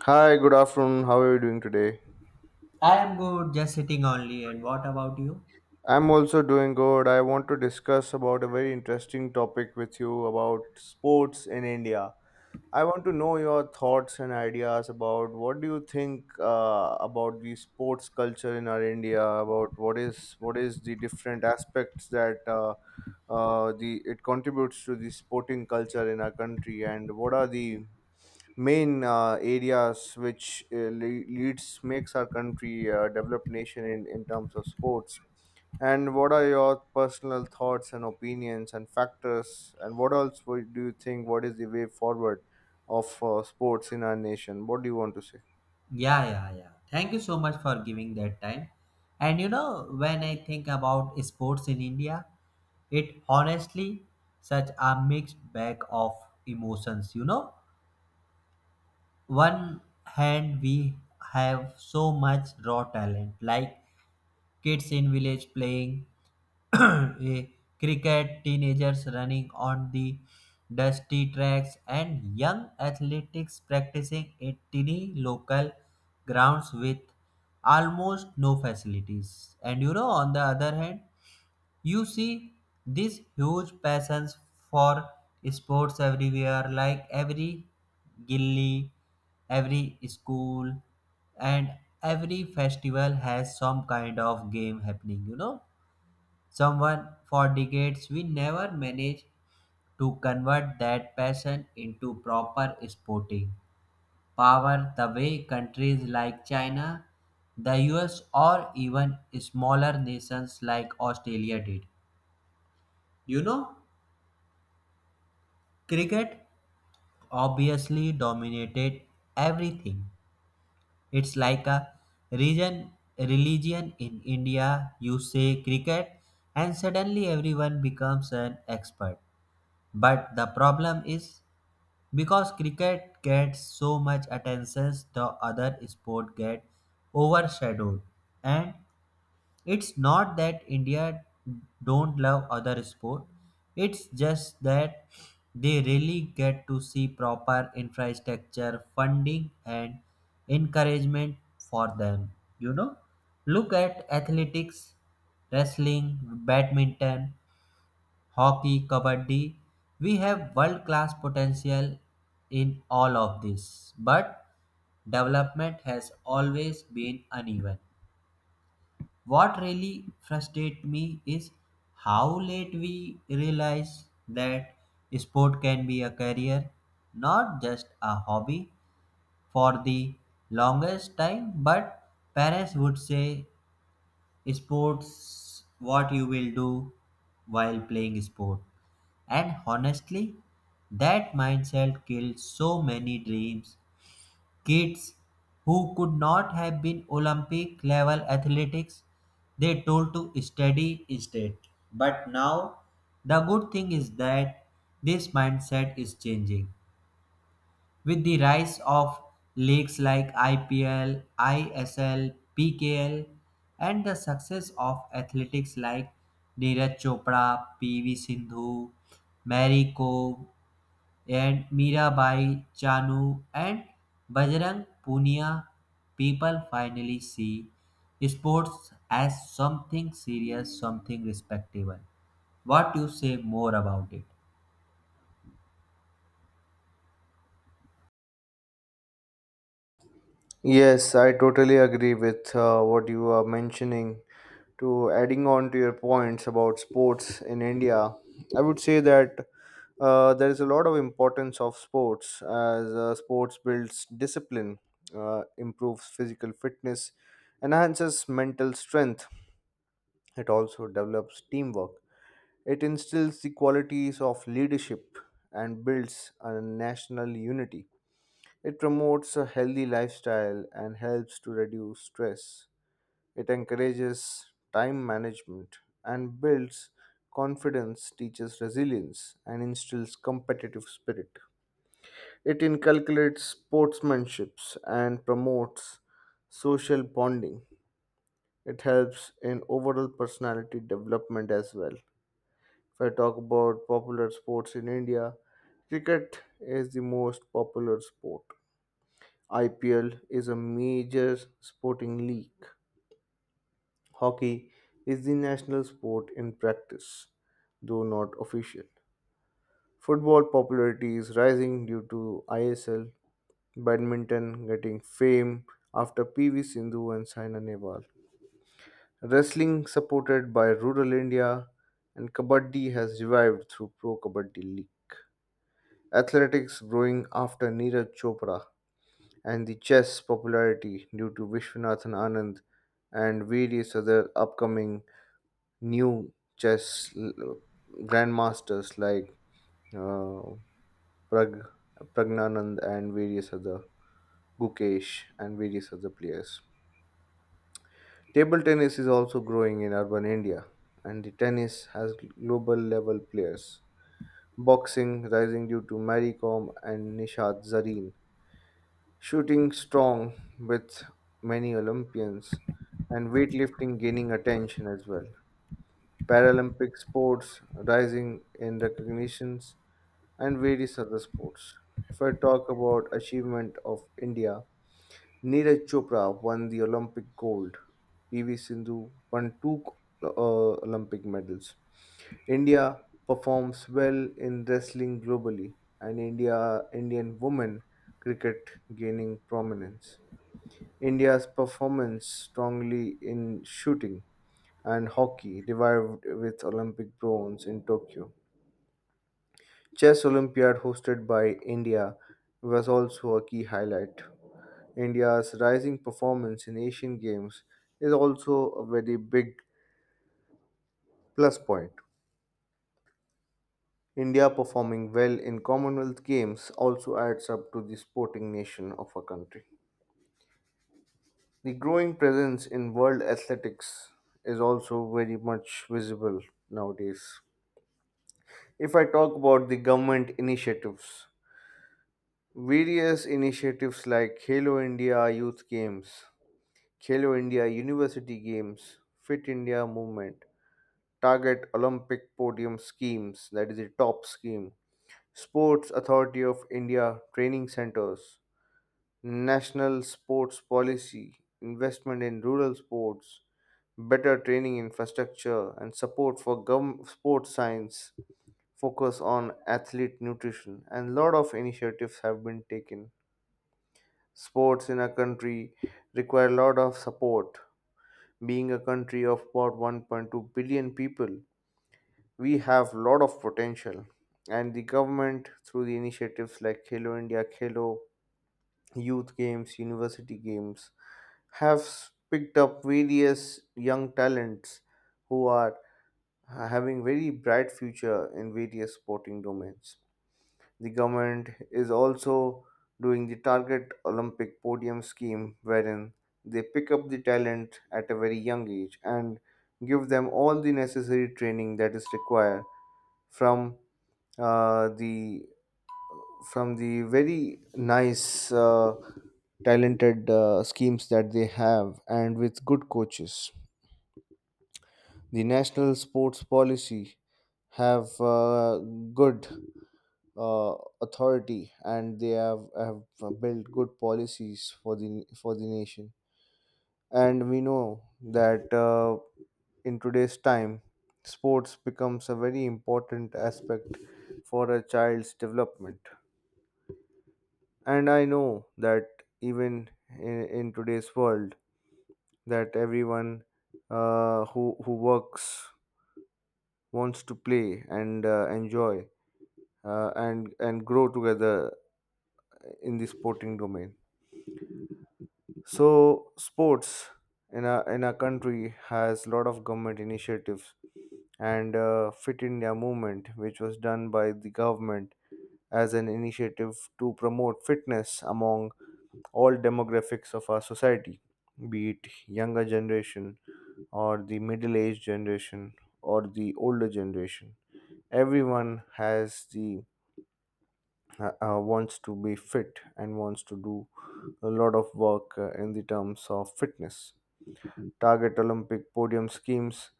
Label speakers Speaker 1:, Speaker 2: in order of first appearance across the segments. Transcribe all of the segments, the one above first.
Speaker 1: Hi, good afternoon. How are you doing today?
Speaker 2: I am good, just sitting only. And what about you?
Speaker 1: I'm also doing good. I want to discuss about a very interesting topic with you about sports in India. I want to know your thoughts and ideas about what do you think about the sports culture in our India, about what is the different aspects that the it contributes to the sporting culture in our country, and what are the main areas which leads makes our country a developed nation in terms of sports, and what are your personal thoughts and opinions and factors and what else do you think what is the way forward of sports in our nation. What do you want to say?
Speaker 2: Yeah, yeah, yeah. Thank you so much for giving that time. And when I think about sports in India, it honestly such a mixed bag of emotions. One hand we have so much raw talent, like kids in village playing eh, cricket, teenagers running on the dusty tracks, and young athletics practicing at tiny local grounds with almost no facilities. And on the other hand, you see these huge passions for sports everywhere, like every gilly, every school, and every festival has some kind of game happening. Someone for decades we never managed to convert that passion into proper sporting power the way countries like China, the US, or even smaller nations like Australia did. You know, Cricket obviously dominated everything. It's like a region religion in India. You say cricket and suddenly everyone becomes an expert. But the problem is because cricket gets so much attention, the other sport get overshadowed, and it's not that India don't love other sport. It's just that they really get to see proper infrastructure, funding and encouragement for them. You know, look at athletics, wrestling, badminton, hockey, kabaddi. We have world class potential in all of this, but development has always been uneven. What really frustrates me is how late we realize that sport can be a career, not just a hobby. For the longest time, but parents would say sports what you will do while playing sport. And honestly, that mindset killed so many dreams. Kids who could not have been Olympic level athletics, they told to study instead. But now, the good thing is that this mindset is changing. With the rise of leagues like IPL, ISL, PKL, and the success of athletics like Neeraj Chopra, PV Sindhu, Mary Kom, and Mirabai Chanu and Bajrang Punia, people finally see sports as something serious, something respectable. What you say more about it?
Speaker 1: Yes, I totally agree with what you are mentioning. To adding on to your points about sports in India, I would say that there is a lot of importance of sports as sports builds discipline, improves physical fitness, enhances mental strength. It also develops teamwork. It instills the qualities of leadership and builds a national unity. It promotes a healthy lifestyle and helps to reduce stress. It encourages time management and builds confidence, teaches resilience, and instills competitive spirit. It inculcates sportsmanship and promotes social bonding. It helps in overall personality development as well. If I talk about popular sports in India, cricket is the most popular sport. IPL is a major sporting league. Hockey is the national sport in practice, though not official. Football popularity is rising due to ISL, badminton getting fame after PV Sindhu and Saina Nehwal. Wrestling supported by rural India, and kabaddi has revived through Pro Kabaddi League. Athletics growing after Neeraj Chopra, and the chess popularity due to Vishwanathan Anand and various other upcoming new grandmasters like uh, Prag, Pragnanand and various other Gukesh and various other players. Table tennis is also growing in urban India, and the tennis has global level players. Boxing rising due to Mary Kom and Nishat Zareen, shooting strong with many Olympians, and weightlifting gaining attention as well. Paralympic sports rising in recognitions and various other sports. If I talk about achievement of India, Neeraj Chopra won the Olympic gold. PV Sindhu won two uh, Olympic medals. India performs well in wrestling globally, and Indian women cricket gaining prominence. India's performance strongly in shooting, and hockey revived with Olympic bronze in Tokyo. Chess Olympiad hosted by India was also a key highlight. India's rising performance in Asian Games is also a very big plus point. India performing well in Commonwealth Games also adds up to the sporting nation of a country. The growing presence in world athletics is also very much visible nowadays. If I talk about the government initiatives, various initiatives like Halo India Youth Games, Halo India University Games, Fit India Movement, Target Olympic Podium Schemes, that is the top scheme, Sports Authority of India Training Centers, national sports policy, investment in rural sports, better training infrastructure, and support for sports science, focus on athlete nutrition, and lot of initiatives have been taken. Sports in a country require a lot of support. Being a country of about 1.2 billion people, we have lot of potential. And the government, through the initiatives like Khelo India, Khelo, youth games, university games, picked up various young talents who are having very bright future in various sporting domains. The government is also doing the Target Olympic Podium scheme, wherein they pick up the talent at a very young age and give them all the necessary training that is required from the from the very nice, talented schemes that they have, and with good coaches. The national sports policy have good uh, authority, and they have built good policies for the nation. And we know that in today's time, sports becomes a very important aspect for a child's development. And I know that even in today's world, that everyone who works wants to play and enjoy and grow together in the sporting domain. So sports in our country has lot of government initiatives and Fit India Movement, which was done by the government as an initiative to promote fitness among all demographics of our society, be it younger generation or the middle aged generation or the older generation. Everyone has the wants to be fit and wants to do a lot of work in the terms of fitness. Target Olympic podium schemes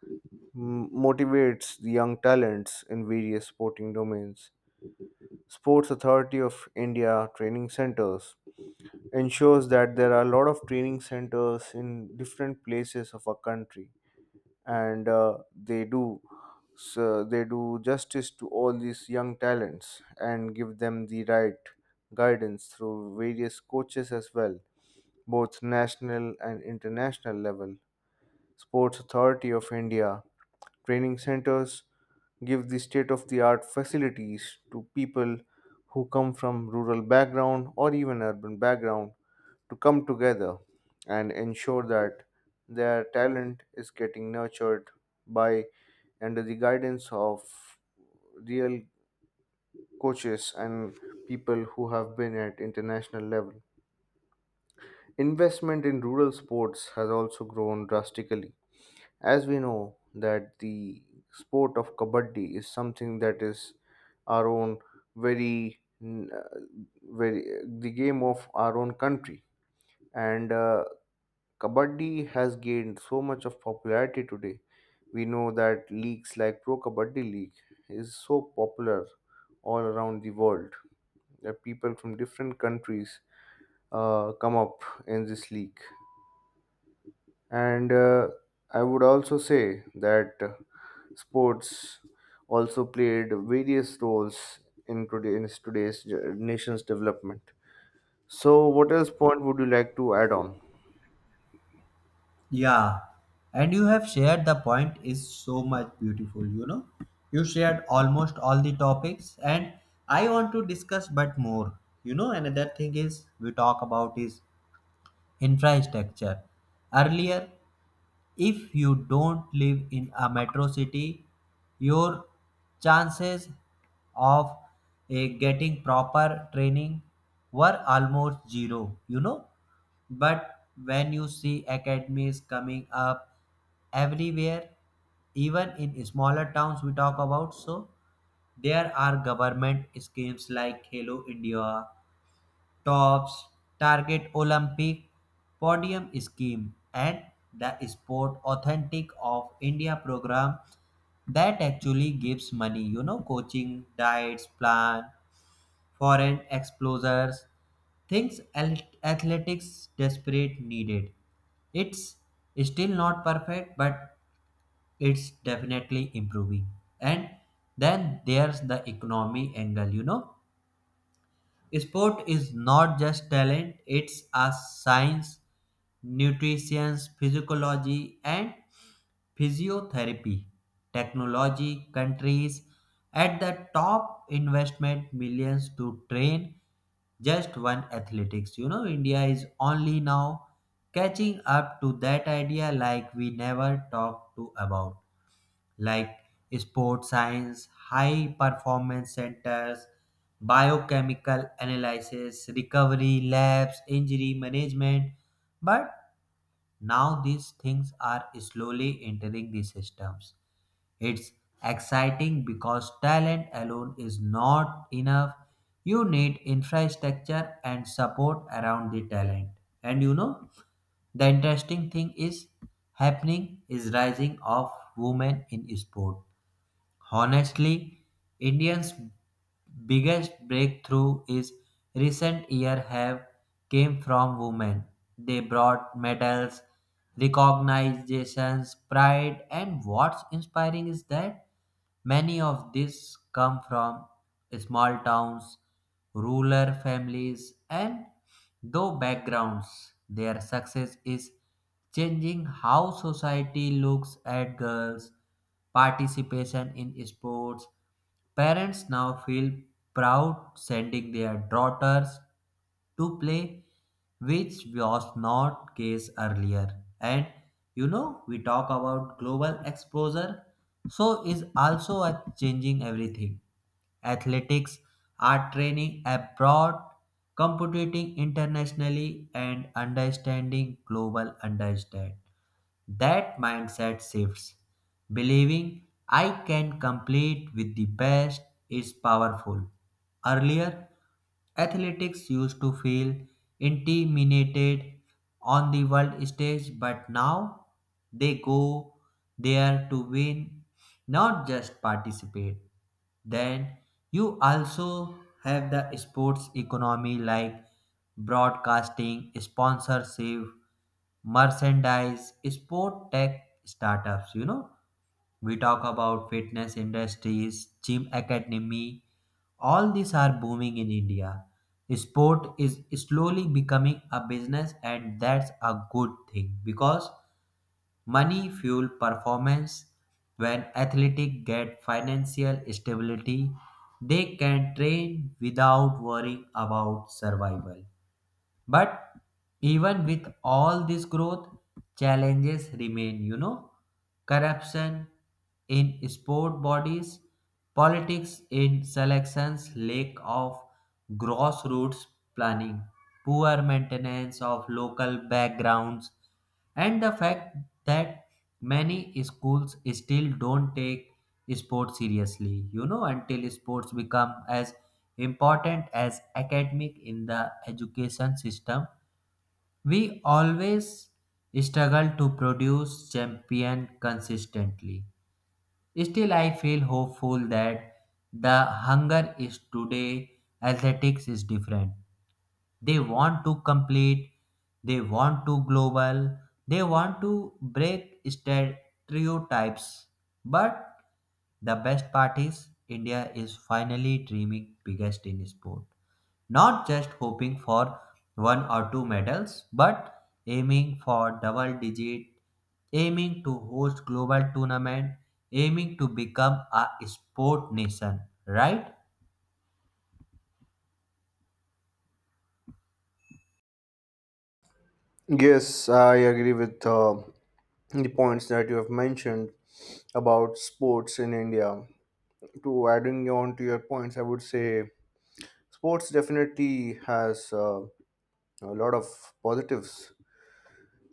Speaker 1: motivates the young talents in various sporting domains. Sports Authority of India training centers ensures that there are a lot of training centers in different places of our country, and they do justice to all these young talents and give them the right guidance through various coaches as well, both national and international level. Sports Authority of India training centers give the state of the art facilities to people who come from rural background or even urban background to come together and ensure that their talent is getting nurtured by under the guidance of real coaches and people who have been at international level. Investment in rural sports has also grown drastically. As we know that the sport of kabaddi is something that is our own very n- uh, very the game of our own country, and Kabaddi has gained so much of popularity today. We know that leagues like Pro Kabaddi League is so popular all around the world that people from different countries come up in this league. And I would also say that sports also played various roles in today's nation's development. So, what else point would you like to add on?
Speaker 2: Yeah, and you have shared the point is so much beautiful, you know. You shared almost all the topics, and I want to discuss but more. Another thing is we talk about is infrastructure. Earlier, if you don't live in a metro city, your chances of getting proper training were almost zero. But when you see academies coming up everywhere, even in smaller towns we talk about, so there are government schemes like Hello India tops, target Olympic podium scheme, and the sport authentic of India program that actually gives money, coaching, diets, plan, foreign explorers, things al- athletics desperate needed. It's still not perfect, but it's definitely improving. And then there's the economy angle. Sport is not just talent, it's a science, nutrition, physiology, and physiotherapy. Technology, countries at the top investment millions to train just one athletics. India is only now catching up to that idea like we never talked to about like sports science, high performance centers, biochemical analysis, recovery labs, injury management. But now these things are slowly entering the systems. It's exciting because talent alone is not enough. You need infrastructure and support around the talent. And the interesting thing is happening is rising of women in sport. Honestly, Indians' biggest breakthrough is recent year have came from women. They brought medals, recognitions, pride, and what's inspiring is that many of these come from small towns, rural families, and though backgrounds. Their success is changing how society looks at girls participation in sports. Parents now feel proud sending their daughters to play, which was not case earlier. And we talk about global exposure, so is also a changing everything. Athletics are training abroad, competing internationally, and understanding global understand. That mindset shifts. Believing I can compete with the best is powerful. Earlier, athletics used to feel intimidated on the world stage, but now they go there to win, not just participate. Then you also have the sports economy like broadcasting, sponsorship, merchandise, sport tech startups. We talk about fitness industries, gym academy. All these are booming in India. Sport is slowly becoming a business, and that's a good thing because money fuel performance. When athletes get financial stability, they can train without worrying about survival. But even with all this growth, challenges remain, corruption in sport bodies, politics in selections, lack of grassroots planning, poor maintenance of local backgrounds, and the fact that many schools still don't take sports seriously. Until sports become as important as academic in the education system, we always struggle to produce champion consistently. Still, I feel hopeful that the hunger is today athletics is different. They want to complete, they want to global, they want to break stereotypes. But the best part is India is finally dreaming biggest in sport. Not just hoping for one or two medals, but aiming for double digit, aiming to host global tournament, aiming to become a sport nation, right?
Speaker 1: Yes, I agree with the points that you have mentioned about sports in India. To adding on to your points, I would say sports definitely has a lot of positives.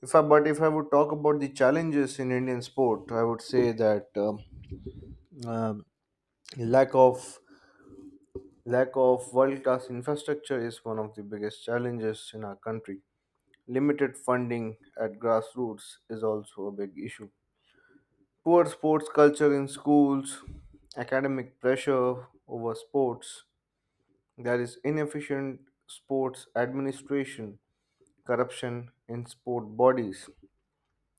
Speaker 1: If I, but if I would talk about the challenges in Indian sport, I would say that um, lack of lack of world class infrastructure is one of the biggest challenges in our country. Limited funding at grassroots is also a big issue. Poor sports culture in schools, academic pressure over sports, there is inefficient sports administration, corruption in sport bodies,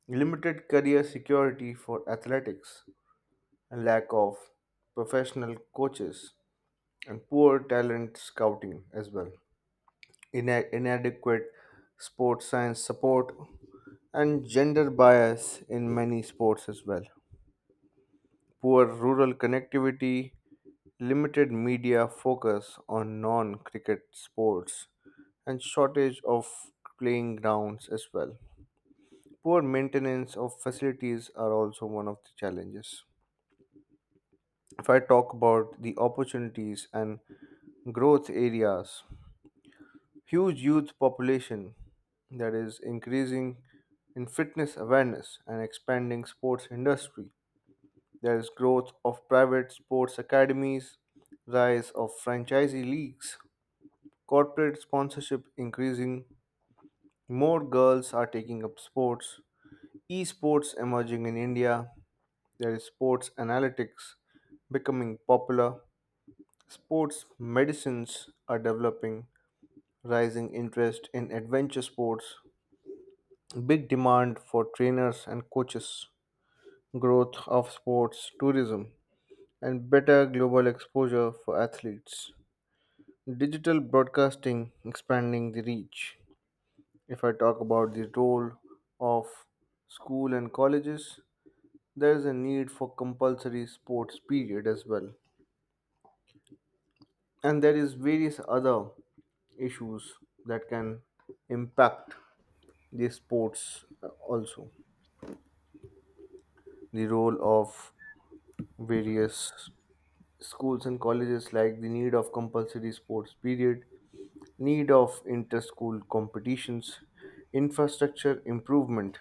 Speaker 1: limited career security for athletics, a lack of professional coaches, and poor talent scouting as well. Inadequate sports science support, and gender bias in many sports as well. Poor rural connectivity, limited media focus on non cricket sports, and shortage of playing grounds as well. Poor maintenance of facilities are also one of the challenges. If I talk about the opportunities and growth areas, huge youth population that is increasing in fitness awareness and expanding sports industry. There is growth of private sports academies, rise of franchisee leagues, corporate sponsorship increasing, more girls are taking up sports, esports emerging in India, there is sports analytics becoming popular, sports medicines are developing, rising interest in adventure sports, big demand for trainers and coaches, growth of sports tourism, and better global exposure for athletes. Digital broadcasting expanding the reach. If I talk about the role of school and colleges, there is a need for compulsory sports period as well. And there is various other issues that can impact the sports also. The role of various schools and colleges like the need of compulsory sports period, need of inter-school competitions, infrastructure improvement,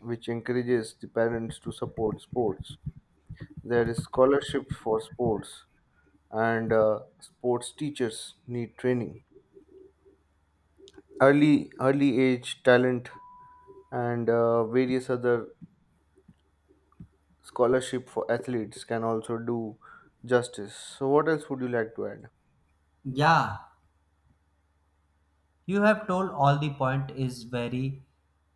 Speaker 1: which encourages the parents to support sports. There is scholarship for sports, and sports teachers need training. Early age talent and various other scholarship for athletes can also do justice. So, what else would you like to add?
Speaker 2: Yeah, you have told all the point is very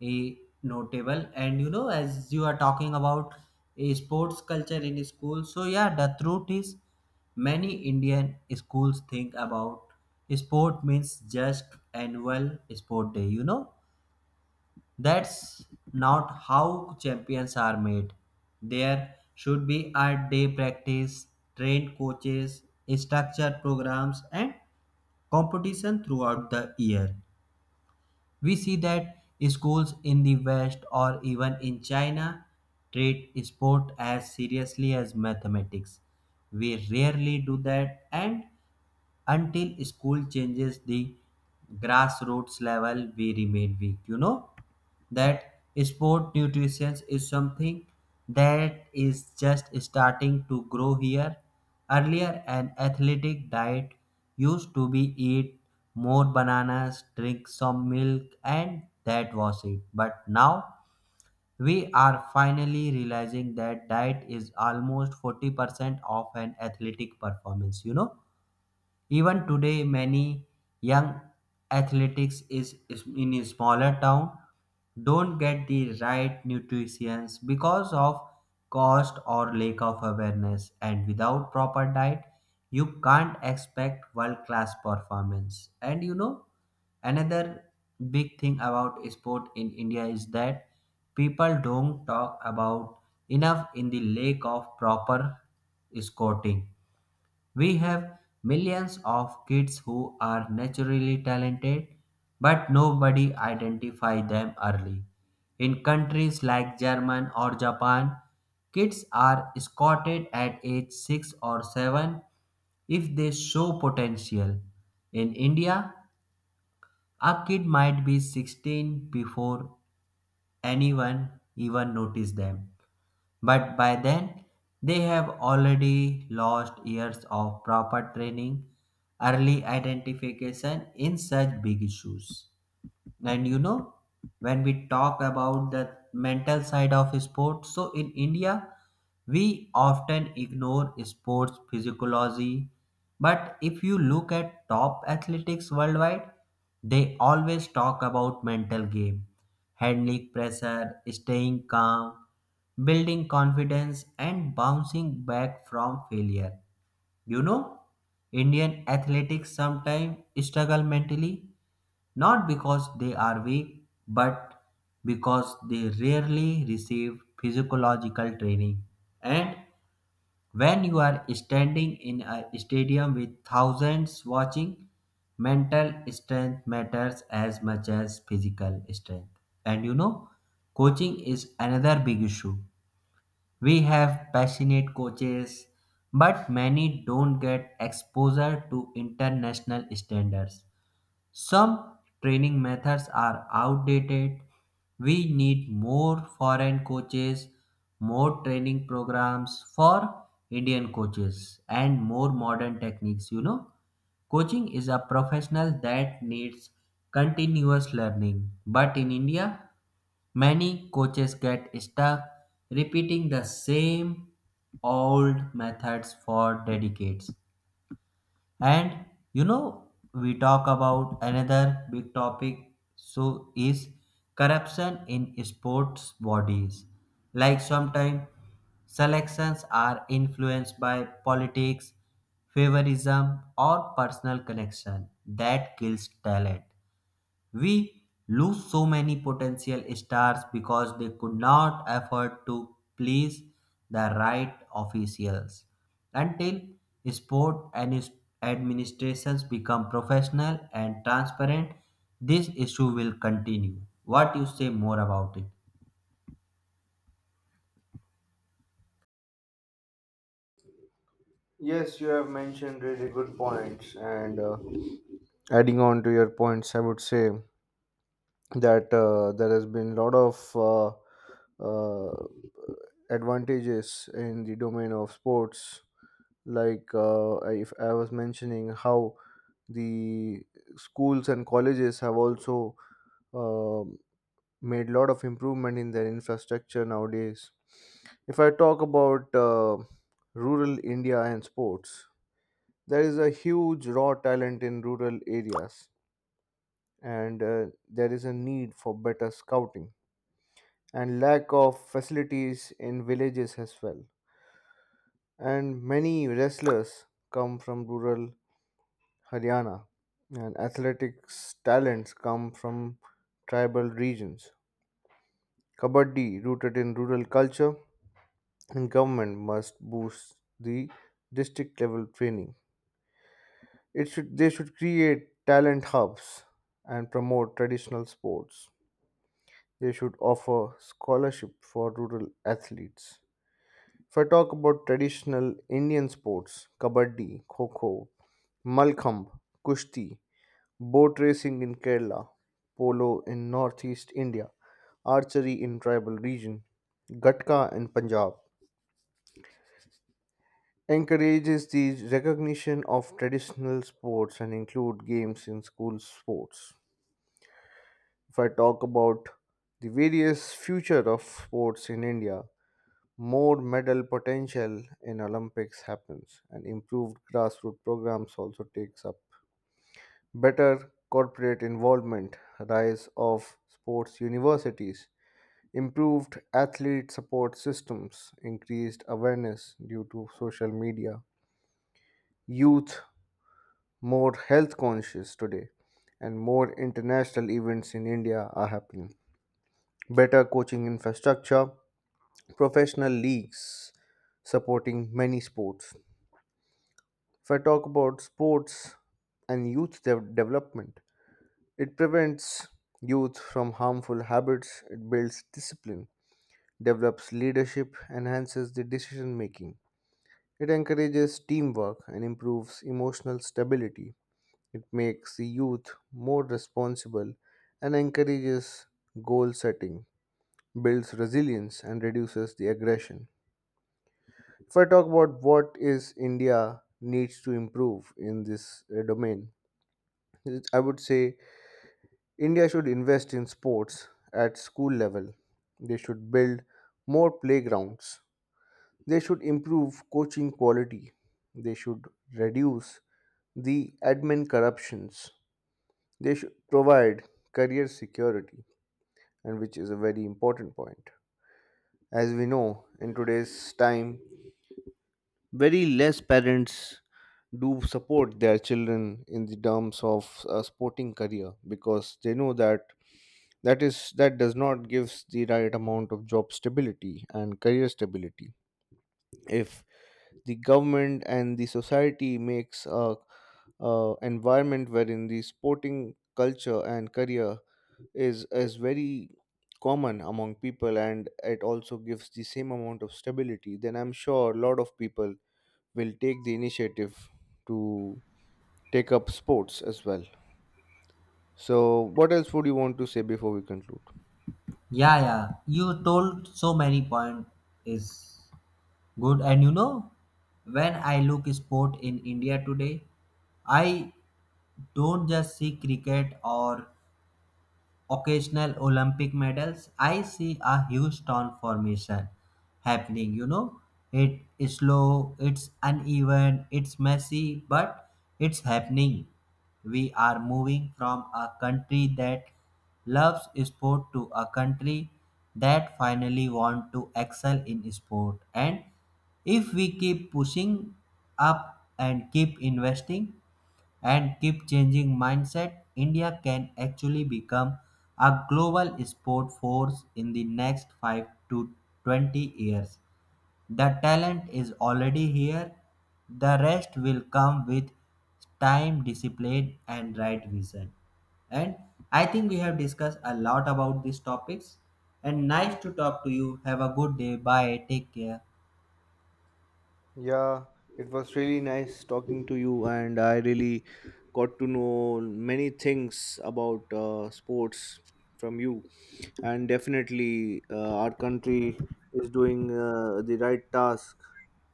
Speaker 2: eh, notable, and as you are talking about a sports culture in school, so yeah, the truth is many Indian schools think about sport means just annual sport day. That's not how champions are made. There should be art day practice, trained coaches, structured programs and competition throughout the year. We see that schools in the West or even in China treat sport as seriously as mathematics. We rarely do that, and until school changes the grassroots level, we remain weak. You know that sport nutrition is something that is just starting to grow here. Earlier, an athletic diet used to be eat more bananas, drink some milk, and that was it. But now we are finally realizing that diet is almost 40% of an athletic performance, even today, many young athletics is in a smaller town don't get the right nutrition because of cost or lack of awareness, and without proper diet you can't expect world class performance. And another big thing about sport in India is that people don't talk about enough in the lack of proper scouting. We have millions of kids who are naturally talented, but nobody identify them early. In countries like Germany or Japan, kids are scouted at age 6 or 7 if they show potential. In India, a kid might be 16 before anyone even notices them. But by then, they have already lost years of proper training, early identification in such big issues. And when we talk about the mental side of sports, so in India, we often ignore sports physiology. But if you look at top athletics worldwide, they always talk about mental game, handling pressure, staying calm, building confidence, and bouncing back from failure. You know, Indian athletics sometimes struggle mentally not because they are weak, but because they rarely receive physiological training. And when you are standing in a stadium with thousands watching, mental strength matters as much as physical strength. And coaching is another big issue. We have passionate coaches, but many don't get exposure to international standards. Some training methods are outdated. We need more foreign coaches, more training programs for Indian coaches, and more modern techniques. Coaching is a professional that needs continuous learning. But in India, many coaches get stuck repeating the same old methods for decades. And we talk about another big topic so is corruption in sports bodies. Like sometimes selections are influenced by politics, favorism or personal connection that kills talent. We lose so many potential stars because they could not afford to please the right officials. Until sport and administrations become professional and transparent, this issue will continue. What you say more about it?
Speaker 1: Yes, you have mentioned really good points, and adding on to your points, I would say that there has been a lot of uh, advantages in the domain of sports like if I was mentioning how the schools and colleges have also um made lot of improvement in their infrastructure nowadays. If I talk about rural India and sports, there is a huge raw talent in rural areas, and there is a need for better scouting and lack of facilities in villages as well. And many wrestlers come from rural Haryana, and athletics talents come from tribal regions. Kabaddi, rooted in rural culture, and government must boost the district level training. It should They should create talent hubs and promote traditional sports. They should offer scholarship for rural athletes. If I talk about traditional Indian sports, kabaddi, kho kho, malkham, kushti, boat racing in Kerala, polo in northeast India, archery in tribal region, gatka in Punjab, encourages the recognition of traditional sports and include games in school sports. If I talk about the various future of sports in India, more medal potential in Olympics happens and improved grassroots programs also takes up better corporate involvement, rise of sports universities, improved athlete support systems, increased awareness due to social media, youth more health conscious today, and more international events in India are happening. Better coaching infrastructure, professional leagues supporting many sports. If I talk about sports and development, it prevents youth from harmful habits, it builds discipline, develops leadership, enhances the decision making. It encourages teamwork and improves emotional stability. It makes the youth more responsible and encourages goal setting, builds resilience, and reduces the aggression. If I talk about what is India needs to improve in this domain, I would say India should invest in sports at school level. They should build more playgrounds. They should improve coaching quality. They should reduce the admin corruptions. They should provide career security, and which is a very important point. As we know, in today's time, very less parents do support their children in the terms of a sporting career because they know that that is that does not gives the right amount of job stability and career stability. If the government and the society makes a environment wherein the sporting culture and career is very common among people and it also gives the same amount of stability, then I'm sure a lot of people will take the initiative to take up sports as well. So what else would you want to say before we conclude?
Speaker 2: Yeah, yeah. You told so many point is good, and when I look sport in India today, I don't just see cricket or occasional Olympic medals, I see a huge transformation happening. It is slow, it's uneven, it's messy, but it's happening. We are moving from a country that loves sport to a country that finally want to excel in sport. And if we keep pushing up, and keep investing, and keep changing mindset, India can actually become a global sport force in the next 5 to 20 years. The talent is already here, the rest will come with time, discipline, and right vision. And I think we have discussed a lot about these topics. And nice to talk to you. Have a good day. Bye. Take care.
Speaker 1: Yeah, it was really nice talking to you, and I really got to know many things about sports from you. And definitely, our country is doing the right task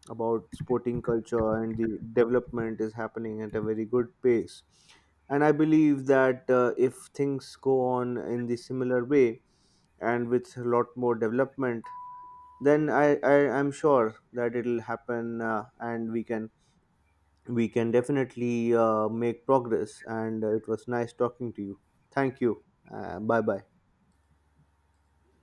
Speaker 1: about sporting culture, and the development is happening at a very good pace. And I believe that if things go on in the similar way and with a lot more development, then I'm sure that it'll happen and we can definitely make progress. And it was nice talking to you. Thank you. Bye bye.